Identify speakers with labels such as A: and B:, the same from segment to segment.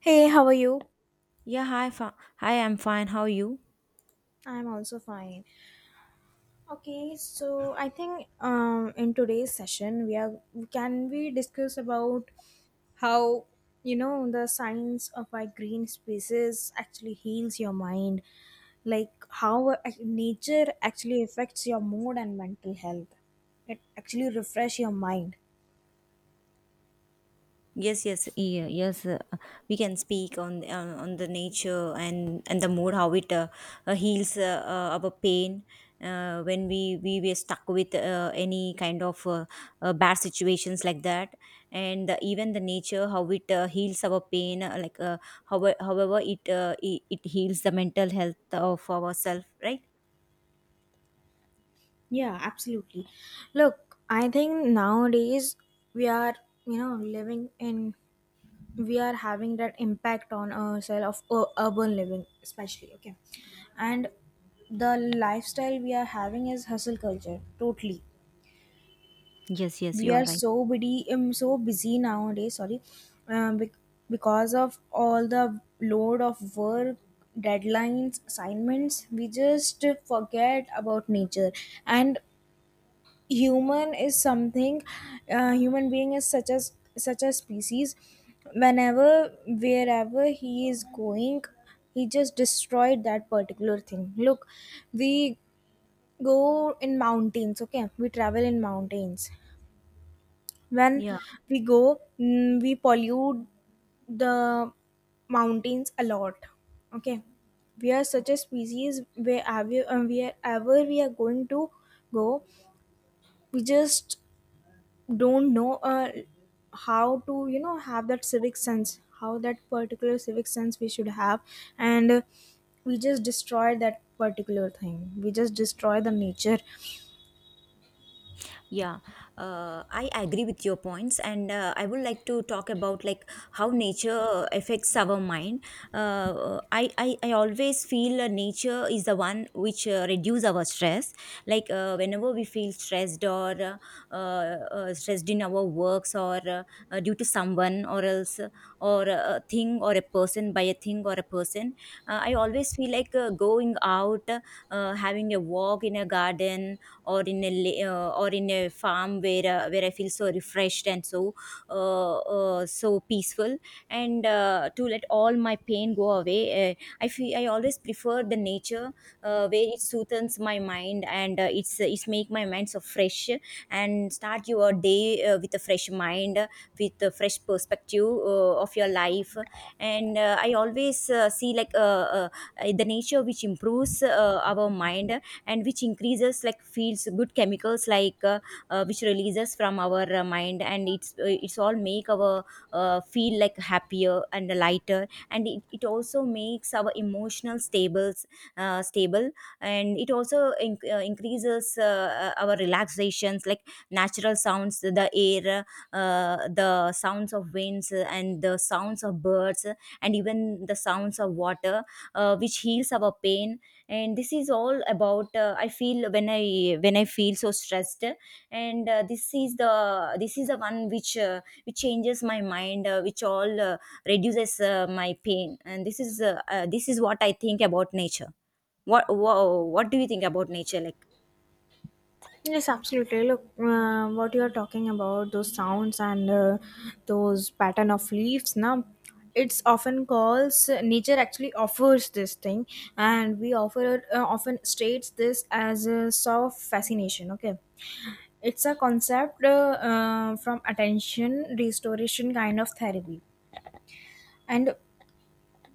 A: Hey, how are you?
B: Yeah, hi, hi. I'm fine. How are you?
A: I'm also fine. Okay, so I think in today's session, we are can we discuss about how the science of our green spaces actually heals your mind, like how nature actually affects your mood and mental health. It actually refresh your mind.
B: Yes, yes, yeah, yes. We can speak on the nature and the mood how it heals our pain when we were stuck with any kind of bad situations like that, and even the nature how it heals our pain, however it heals the mental health of ourselves, right?
A: Yeah, absolutely. Look, I think nowadays we are you know living in we are having that impact on ourselves of urban living, especially. Okay, and the lifestyle we are having is hustle culture totally.
B: Yes, yes,
A: We
B: you are
A: are
B: right.
A: so busy, so busy nowadays. Sorry, um, bec- because of all the load of work, deadlines, assignments, we just forget about nature. And human is something human being is such a species, whenever, wherever he is going, he just destroyed that particular thing. Look, we go in mountains, okay, we travel in mountains. When
B: Yeah.
A: we go, we pollute the mountains a lot. Okay, we are such a species, wherever, wherever we are going to go, we just don't know how to have that civic sense, how that particular civic sense we should have. And we just destroy that particular thing, we just destroy the nature.
B: Yeah, I agree with your points and I would like to talk about like how nature affects our mind. I always feel nature is the one which reduce our stress. Like whenever we feel stressed or stressed in our works or due to someone or else or a thing or a person, by a thing or a person. I always feel like going out, having a walk in a garden or in a or in a farm where I feel so refreshed and so so peaceful. And to let all my pain go away, I feel I always prefer the nature where it soothes my mind and it's make my mind so fresh, and start your day with a fresh mind, with a fresh perspective of your life. And I always see like the nature which improves our mind and which increases like feels good chemicals like which releases from our mind, and it's all make our feel like happier and lighter, and it also makes our emotional stables stable, and it also increases our relaxations, like natural sounds, the air, the sounds of winds, and the sounds of birds, and even the sounds of water, which heals our pain. And this is all about I feel when I feel so stressed. And this is the one which changes my mind, which all reduces my pain. And this is what I think about nature. What do you think about nature, like?
A: Yes, absolutely. Look, what you are talking about, those sounds and those pattern of leaves, now it's often calls nature actually offers this thing. And we offer often states this as a soft fascination. Okay, it's a concept from attention restoration kind of therapy. And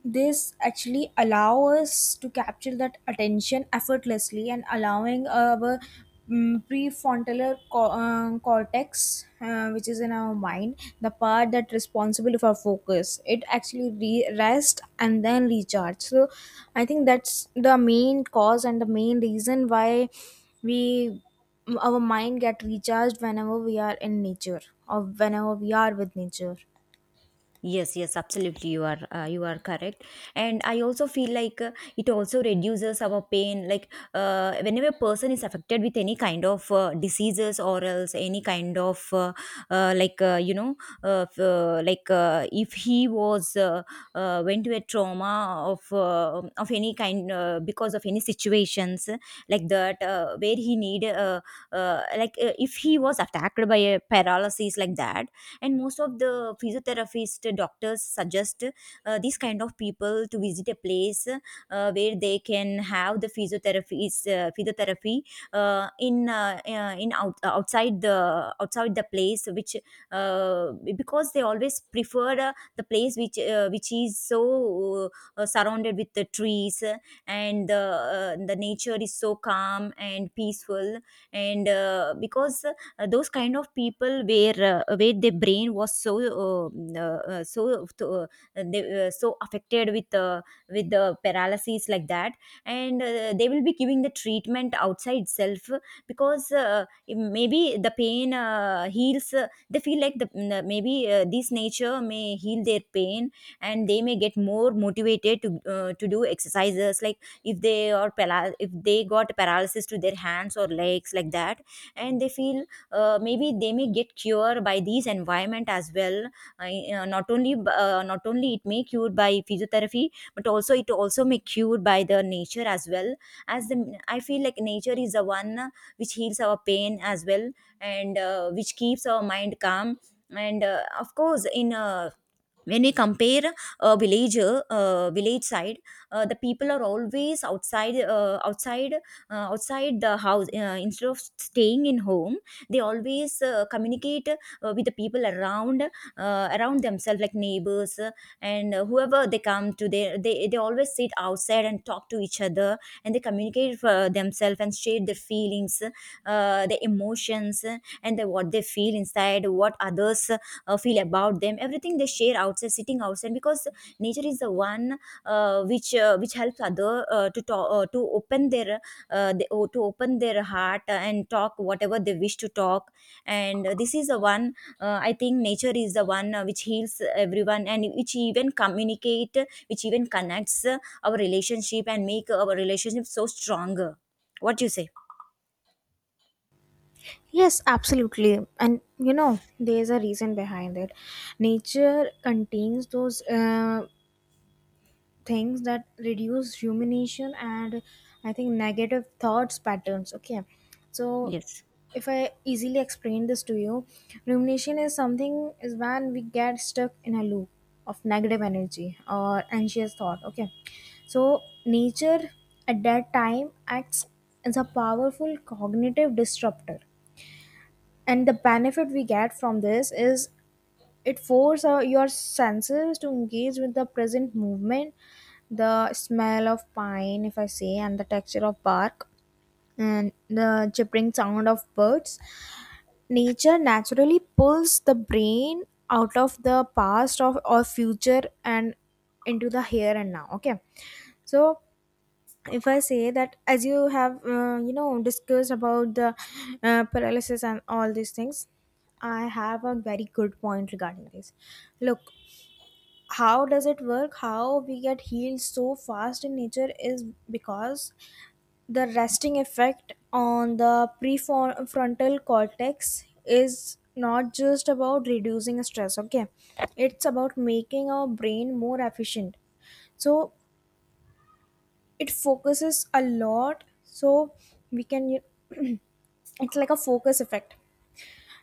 A: this actually allow us to capture that attention effortlessly, and allowing our prefrontal cortex, which is in our mind, the part that responsible for focus, it actually rest and then recharge. So I think that's the main cause and the main reason why we our mind get recharged whenever we are in nature, or whenever we are with nature.
B: Yes, yes, absolutely. You are correct, and I also feel like it also reduces our pain. Like whenever a person is affected with any kind of diseases or else any kind of like you know f- like if he was went to a trauma of any kind because of any situations like that, where he need if he was attacked by a paralysis like that. And most of the physiotherapist doctors suggest these kind of people to visit a place where they can have the physiotherapy outside, the outside, the place which because they always prefer the place which is so surrounded with the trees, and the nature is so calm and peaceful. And because those kind of people where their brain was so so so affected with the paralysis like that, and they will be giving the treatment outside itself, because maybe the pain heals they feel like the maybe this nature may heal their pain, and they may get more motivated to do exercises, like if they are paral if they got paralysis to their hands or legs like that. And they feel maybe they may get cured by these environment as well, not only it may cured by physiotherapy, but also it also may cured by the nature as well. As the, I feel like nature is the one which heals our pain as well, and which keeps our mind calm. And of course in when we compare a village, village side, the people are always outside, outside the house, instead of staying in home. They always communicate with the people around, around themselves, like neighbors, and whoever they come to, they always sit outside and talk to each other, and they communicate for themselves and share their feelings, their emotions, and the, what they feel inside, what others feel about them, everything they share outside, sitting outside, because nature is the one which helps other to talk, to open their to open their heart and talk whatever they wish to talk. And this is the one I think nature is the one which heals everyone, and which even communicate, which even connects our relationship and make our relationship so stronger. What do you say?
A: Yes, absolutely. And there's a reason behind it. Nature contains those things that reduce rumination and, I think, negative thoughts patterns. Okay. So,
B: Yes.
A: if I easily explain this to you, rumination is something, is when we get stuck in a loop of negative energy or anxious thought. Okay. So, nature at that time acts as a powerful cognitive disruptor, and the benefit we get from this is, it forces your senses to engage with the present movement, the smell of pine if I say, and the texture of bark, and the chirping sound of birds. Nature naturally pulls the brain out of the past, of, or future, and into the here and now. Okay. So if I say, that as you have discussed about the paralysis and all these things, I have a very good point regarding this. Look, how does it work, how we get healed so fast in nature is because the resting effect on the prefrontal cortex is not just about reducing stress. Okay, it's about making our brain more efficient. So it focuses a lot, so we can you- it's like a focus effect.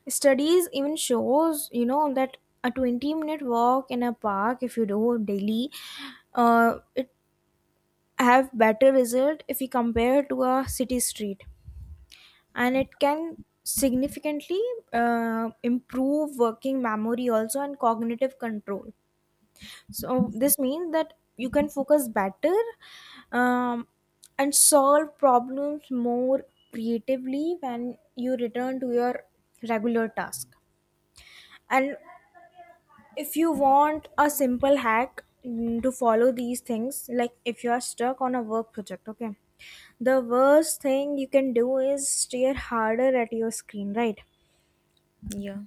A: Studies even shows that a 20-minute walk in a park if you do daily, it have better result if you compare to a city street. And it can significantly improve working memory also and cognitive control. So this means that you can focus better, um, and solve problems more creatively when you return to your regular task. And if you want a simple hack to follow these things, like if you are stuck on a work project, okay, the worst thing you can do is stare harder at your screen, right?
B: Yeah.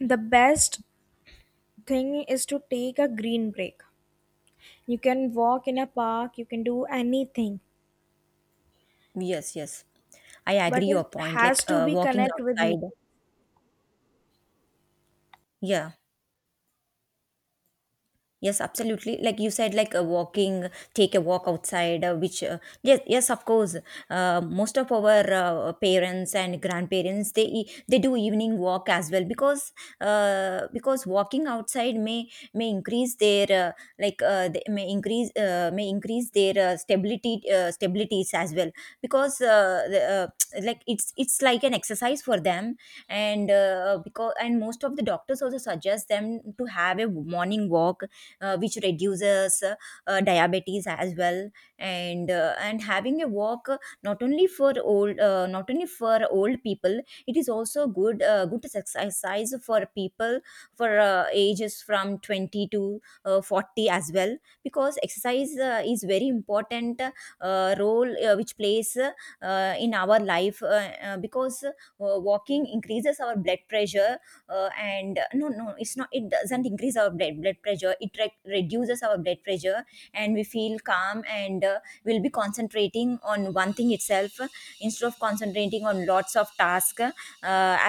A: The best thing is to take a green break. You can walk in a park, you can do anything,
B: Yes, yes, I
A: but
B: agree your
A: it
B: point, like
A: has to be
B: walking
A: connect with me.
B: outside. Yeah. Yes, absolutely. Like you said, like walking, take a walk outside, yes, yes, of course. Most of our parents and grandparents, they do evening walk as well, because walking outside may increase their they may increase their stability, stabilities as well, because like it's like an exercise for them. And because and most of the doctors also suggest them to have a morning walk, which reduces diabetes as well. And and having a walk, not only for old not only for old people, it is also good good exercise for people for ages from 20 to 40 as well, because exercise is very important role which plays in our life because walking increases our blood pressure. And no no, it's not, it doesn't increase our blood pressure, it reduces our blood pressure. And we feel calm, and we'll be concentrating on one thing itself, instead of concentrating on lots of tasks,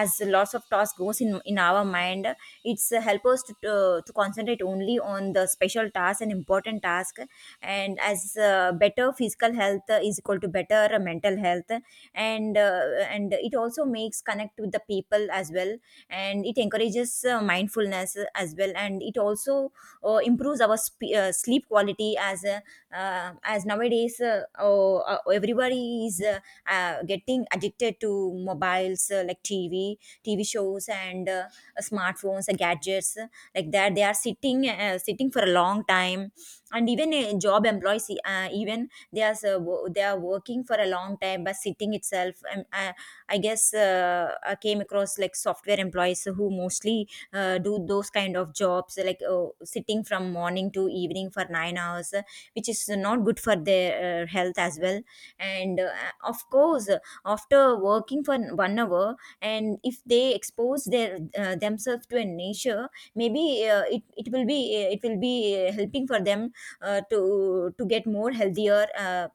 B: as lots of task goes in our mind. It's help us to concentrate only on the special task and important task. And as better physical health is equal to better mental health. And and it also makes connect with the people as well, and it encourages mindfulness as well. And it also improves our sleep quality, as nowadays everybody is getting addicted to mobiles, like TV shows and smartphones and gadgets, like that, they are sitting, sitting for a long time. And even job employees, even they are they are working for a long time by sitting itself. I guess I came across like software employees who mostly do those kind of jobs, like sitting from morning to evening for 9 hours, which is not good for their health as well. And of course, after working for 1 hour, and if they expose their themselves to a nature, maybe it will be helping for them to get more healthier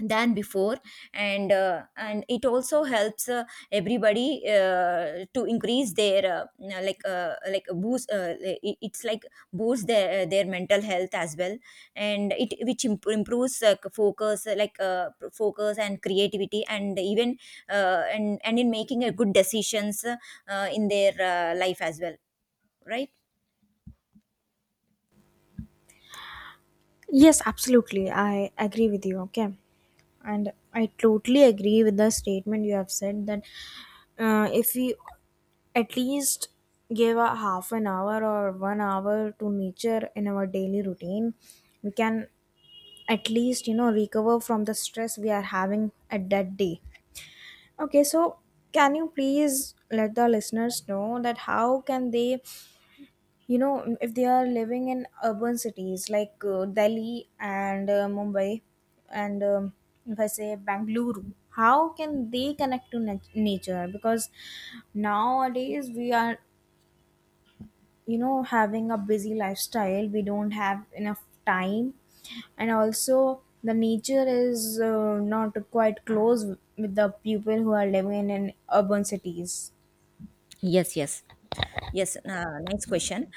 B: than before. And and it also helps everybody to increase their like a boost, it's like boosts their mental health as well. And it improves focus, focus and creativity, and even and in making a good decisions in their life as well, right?
A: Yes, absolutely, I agree with you. Okay, and I totally agree with the statement you have said, that if we at least give a half an hour or 1 hour to nature in our daily routine, we can at least recover from the stress we are having at that day. Okay, so can you please let the listeners know that how can they, if they are living in urban cities like Delhi and Mumbai, and if I say Bangalore, how can they connect to nature? Because nowadays we are, having a busy lifestyle, we don't have enough time. And also, the nature is not quite close with the people who are living in urban cities.
B: Yes, yes. Yes, nice question.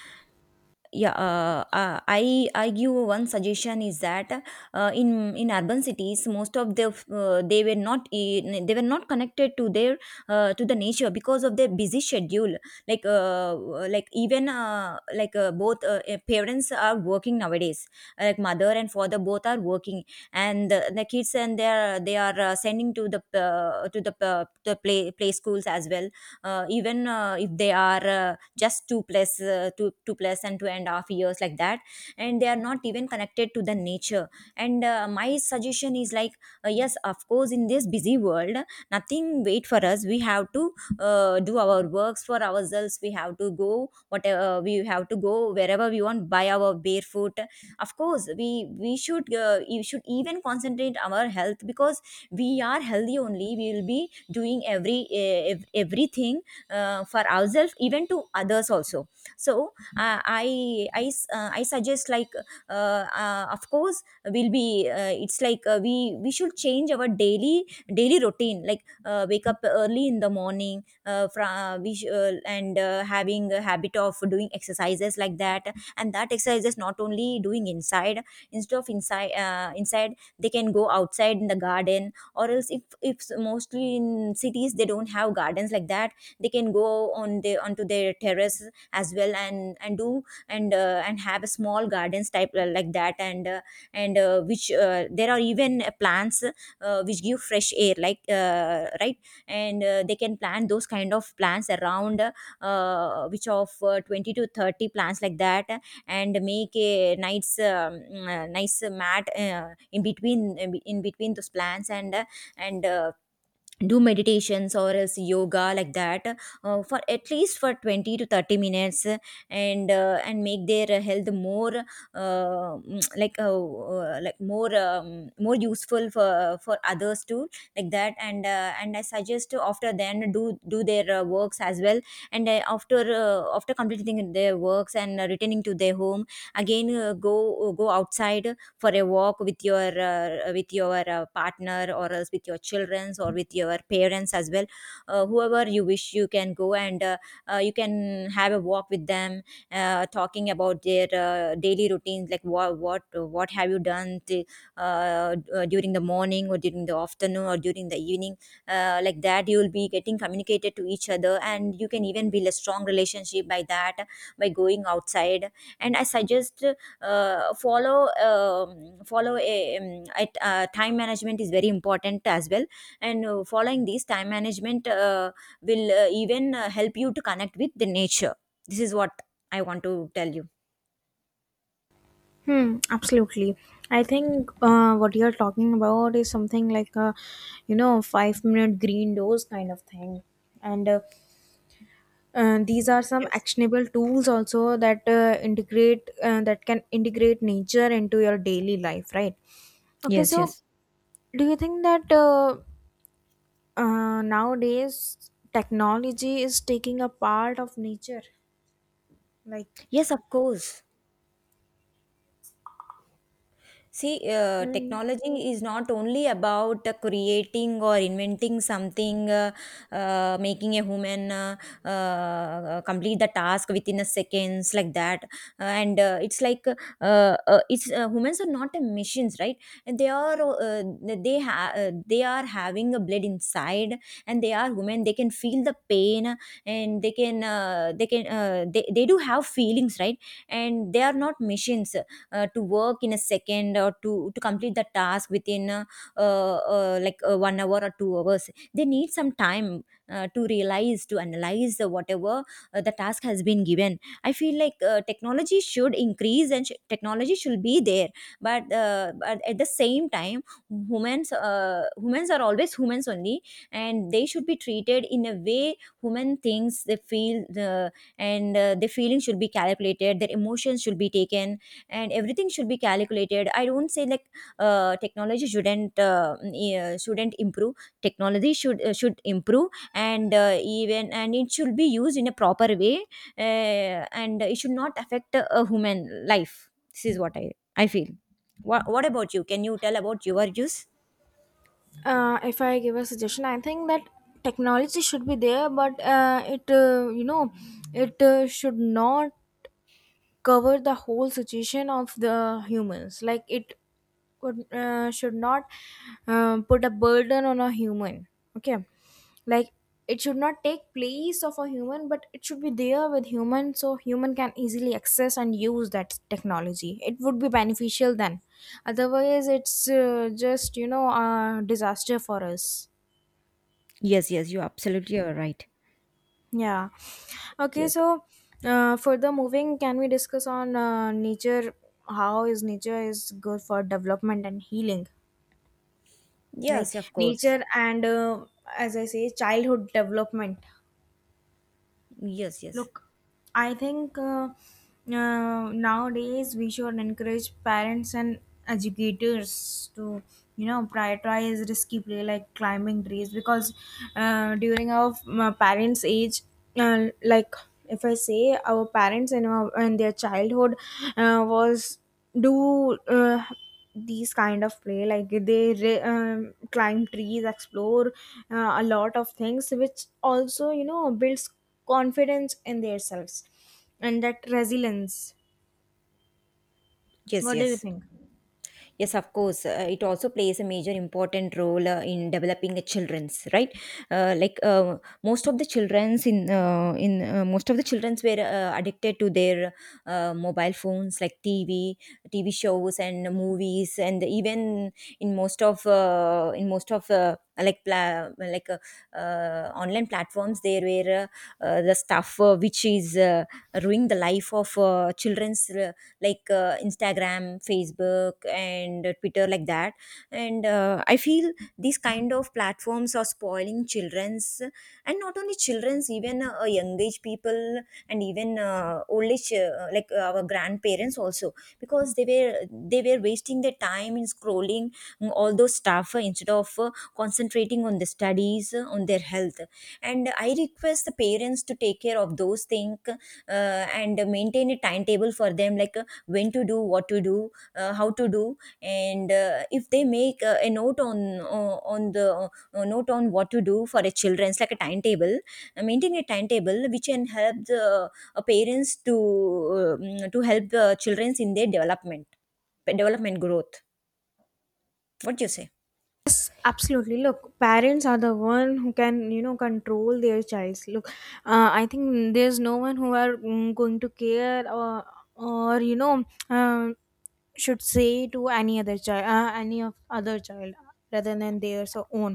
B: Yeah, I give one suggestion, is that in urban cities most of the they were not in, they were not connected to their to the nature because of their busy schedule, like uh, like. Even like both parents are working nowadays, like mother and father both are working. And the kids, and they are sending to the the play schools as well, even if they are just two plus and 2.5 years, like that. And they are not even connected to the nature. And my suggestion is like, yes, of course, in this busy world nothing wait for us. We have to do our works for ourselves. We have to go whatever we have to go wherever we want by our barefoot. Of course, we should you should even concentrate our health, because we are healthy only we will be doing everything for ourselves, even to others also. So uh, i I suggest, like, of course will be it's like, we should change our daily routine, like, wake up early in the morning and having a habit of doing exercises, like that. And that exercise is not only doing inside. Instead of inside, they can go outside in the garden, or else if mostly in cities they don't have gardens, like that. They can go on the onto their terrace as well, and do, and have a small gardens type, like that. And which, there are even plants which give fresh air, like, right. And they can plant those kind of plants around, which of 20 to 30 plants, like that. And make a nice nice mat, in between, those plants, and and uh, do meditations or else yoga, like that, for at least for 20 to 30 minutes. And and make their health more, more, more useful for others too, like that. And I suggest to, after then, do their works as well. And after completing their works and returning to their home, again go outside for a walk with your partner or else with your childrens or with your parents as well. Whoever you wish, you can go, and you can have a walk with them, talking about their daily routines, like what have you done, during the morning or during the afternoon or during the evening. Like that, you will be getting communicated to each other, and you can even build a strong relationship by that, by going outside. And I suggest, follow a, time management is very important as well. And following these time management will even help you to connect with the nature. This is what I want to tell you.
A: Hmm, absolutely. I think what you're talking about is something like a, 5 minute green dose kind of thing. And these are some
B: Yes.
A: actionable tools also that that can integrate nature into your daily life, right? Okay,
B: Yes,
A: so
B: yes.
A: do you think that nowadays technology is taking a part of nature? Like,
B: Yes, of course. See,
A: mm,
B: technology is not only about creating or inventing something, making a human complete the task within a seconds, like that. And it's like, uh, it's humans are not a machines, right? And they are having a blood inside, and they are human. They can feel the pain, and they do have feelings, right? And they are not machines to work in a second or to complete the task within 1 hour or 2 hours. They need some time to realize, to analyze, whatever the task has been given. I feel like, technology should increase and technology should be there. But at the same time, humans are always humans only, and they should be treated in a way human thinks. They feel, and their feelings should be calculated, their emotions should be taken, and everything should be calculated. I don't say like, technology shouldn't, yeah, shouldn't improve. Technology should improve, and even and it should be used in a proper way, uh, and it should not affect a human life. This is what I feel. What about you, can you tell about your use?
A: if I give a suggestion, I think that technology should be there, but it you know it should not cover the whole situation of the humans, like it should not put a burden on a human. Okay, like it should not take place of a human, but it should be there with human, so human can easily access and use that technology, it would be beneficial then. Otherwise it's just a disaster for us.
B: Yes, yes, you absolutely are right.
A: Yeah. Okay.
B: Yes.
A: So, further moving, can we discuss on nature? How is nature is good for development and healing? Like
B: Yes, of course.
A: nature and, as I say, childhood development.
B: Yes, yes.
A: Look, I think nowadays we should encourage parents and educators to, prioritize risky play like climbing trees, because during our parents' age, like if I say our parents and in their childhood was do. These kind of play like they climb trees, explore a lot of things which also builds confidence in themselves and that resilience.
B: Yes,
A: What do you
B: yes.
A: think?
B: Yes, of course. It also plays a major important role in developing the children's, right. Like, most of the children's in most of the children's were addicted to their mobile phones, like TV, TV shows and movies, and even in most of like, online platforms, there were the stuff, which is ruining the life of children's, like Instagram, Facebook, and Twitter, like that. And I feel these kind of platforms are spoiling children's, and not only children's, even young age people, and even old age, like our grandparents also, because they were wasting their time in scrolling, all those stuff, instead of concentrating on the studies, on their health. And I request the parents to take care of those things, and maintain a timetable for them, like, when to do, what to do, how to do. And if they make a note on, on the note on what to do for a children's, like a timetable, maintaining a timetable which can help the parents to, to help the children's in their development growth. What do you say?
A: Absolutely. Look, parents are the one who can control their child. Look, I think there's no one who are going to care, or um, should say to any of other child rather than their so own.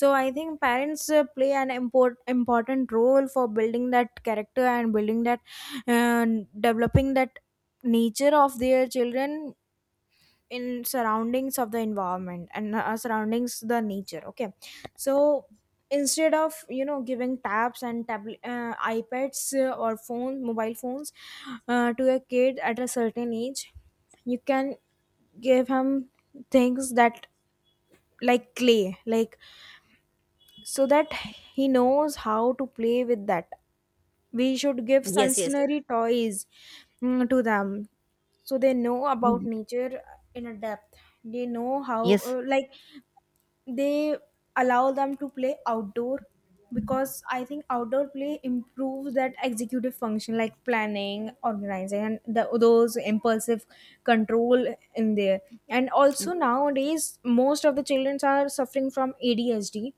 A: So I think parents play an important role for building that character and building that uh, developing that nature of their children in surroundings of the environment, and surroundings the nature. Okay, so instead of giving tabs and ipads, or phone mobile phones to a kid at a certain age, you can give him things that like clay, like, so that he knows how to play with that. We should give
B: Yes, yes.
A: sensory toys to them, so they know about
B: Mm.
A: nature in a depth. They know how
B: Yes.
A: like, they allow them to play outdoor, because I think outdoor play improves that executive function like planning, organizing, and those impulsive control in there. And also, nowadays most of the children are suffering from ADHD.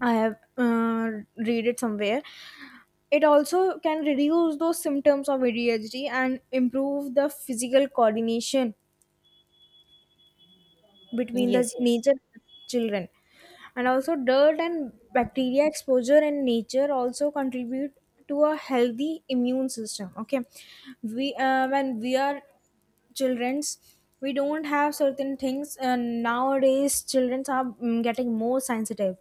A: I have read it somewhere. It also can reduce those symptoms of ADHD and improve the physical coordination between the
B: Yes, yes.
A: nature and the children. And also, dirt and bacteria exposure in nature also contribute to a healthy immune system. Okay, we when we are children's, we don't have certain things, and nowadays children are getting more sensitive,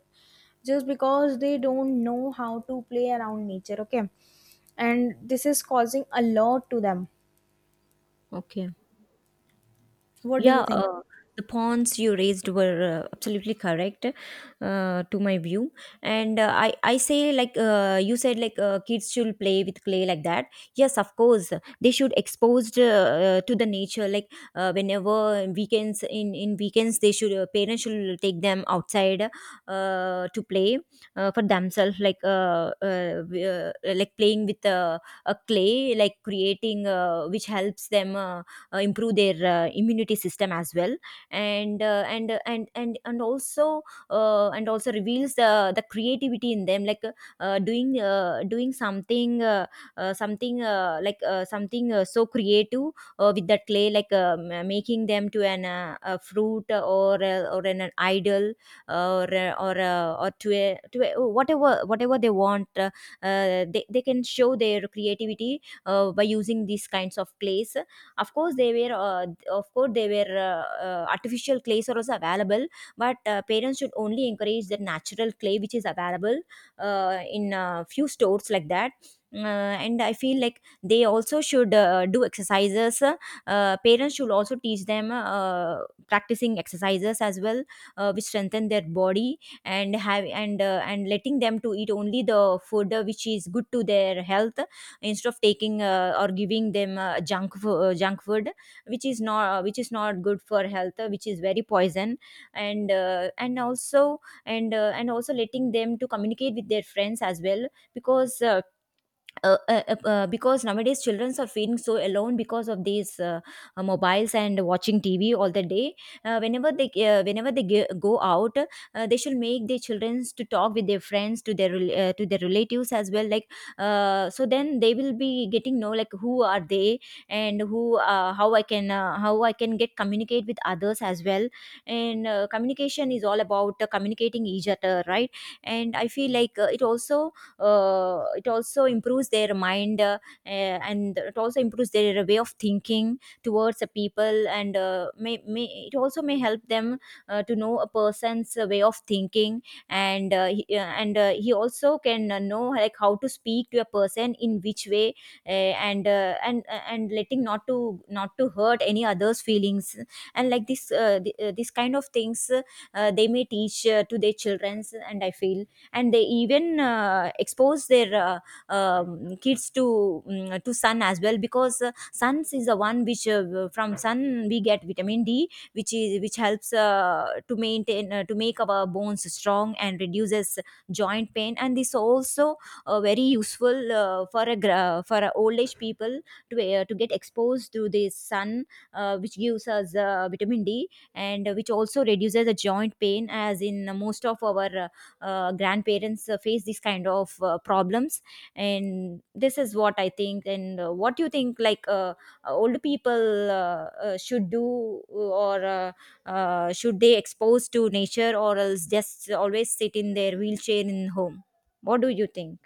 A: just because they don't know how to play around nature. Okay, and this is causing a lot to them.
B: Okay.
A: What do you
B: Yeah,
A: think?
B: the points you raised were, absolutely correct, to my view. And I say, like, you said, like, kids should play with clay, like that. Yes, of course. They should exposed to the nature. Like, whenever weekends, in weekends, they should, parents should take them outside to play for themselves. Like, like, playing with a clay, like creating, which helps them. Improve their immunity system as well, and and also reveals the creativity in them, like, doing doing something, something, so creative with that clay, like, making them to an a fruit, or an idol, or or to whatever they want. Uh, They can show their creativity by using these kinds of clays. Of course, they were, artificial clays are also available, but parents should only encourage the natural clay which is available in a few stores, like that. Uh, and I feel like they also should do exercises. Parents should also teach them practicing exercises as well, which strengthen their body, and have and letting them to eat only the food which is good to their health, instead of taking, or giving them, junk food, which is not good for health, which is very poison, and and also letting them to communicate with their friends as well. Because because nowadays children are feeling so alone, because of these mobiles and watching TV all the day. Whenever they go out, they should make their children to talk with their friends, to their to their relatives as well, like, so then they will be getting know, like, who are they, and who how I can get communicate with others as well. And communication is all about communicating each other, right? And I feel like, it also improves their mind, and it also improves their way of thinking towards the people. And may it also may help them to know a person's way of thinking, and he also can know, like, how to speak to a person, in which way, uh, and letting not to hurt any others feelings. And like, this kind of things, they may teach to their children. And I feel, and they even expose their, kids to sun as well, because suns is the one which, from sun we get vitamin D, which helps, to make our bones strong and reduces joint pain. And this also very useful for for a old age people, to get exposed to the sun, which gives us vitamin D, and which also reduces the joint pain, as in most of our grandparents face these kind of problems. And this is what I think. And what do you think, like, old people should do, or should they expose to nature, or else just always sit in their wheelchair in home? What do you think?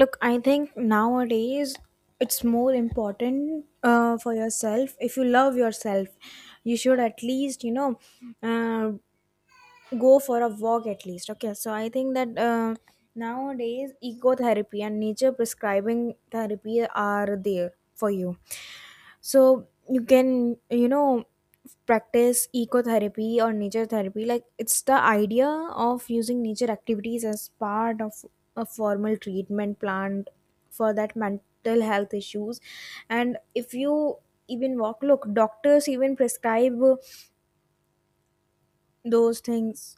A: Look, I think nowadays it's more important for yourself. If you love yourself, you should at least, uh, go for a walk at least. Okay, so I think that nowadays ecotherapy and nature prescribing therapy are there for you. So you can practice ecotherapy or nature therapy, like it's the idea of using nature activities as part of a formal treatment plan for that mental health issues. And if you even walk, look, doctors even prescribe those things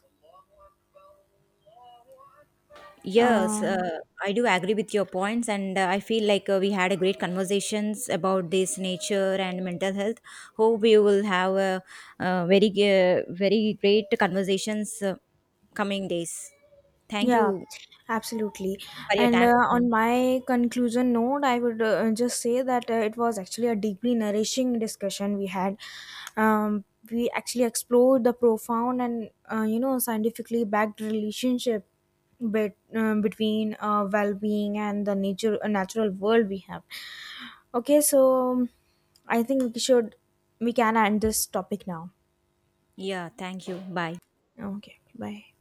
B: Yes,
A: um
B: I do agree with your points, and I feel like we had a great conversations about this nature and mental health. Hope we will have a very very great conversations coming days. Thank
A: Yeah,
B: you
A: absolutely.
B: for your
A: And
B: time with me.
A: on my conclusion note, I would just say that it was actually a deeply nourishing discussion we had. Um, we actually explored the profound and scientifically backed relationship between well-being and the nature natural world we have. Okay, so I think we can end this topic now.
B: Yeah, thank you. Bye.
A: Okay, bye.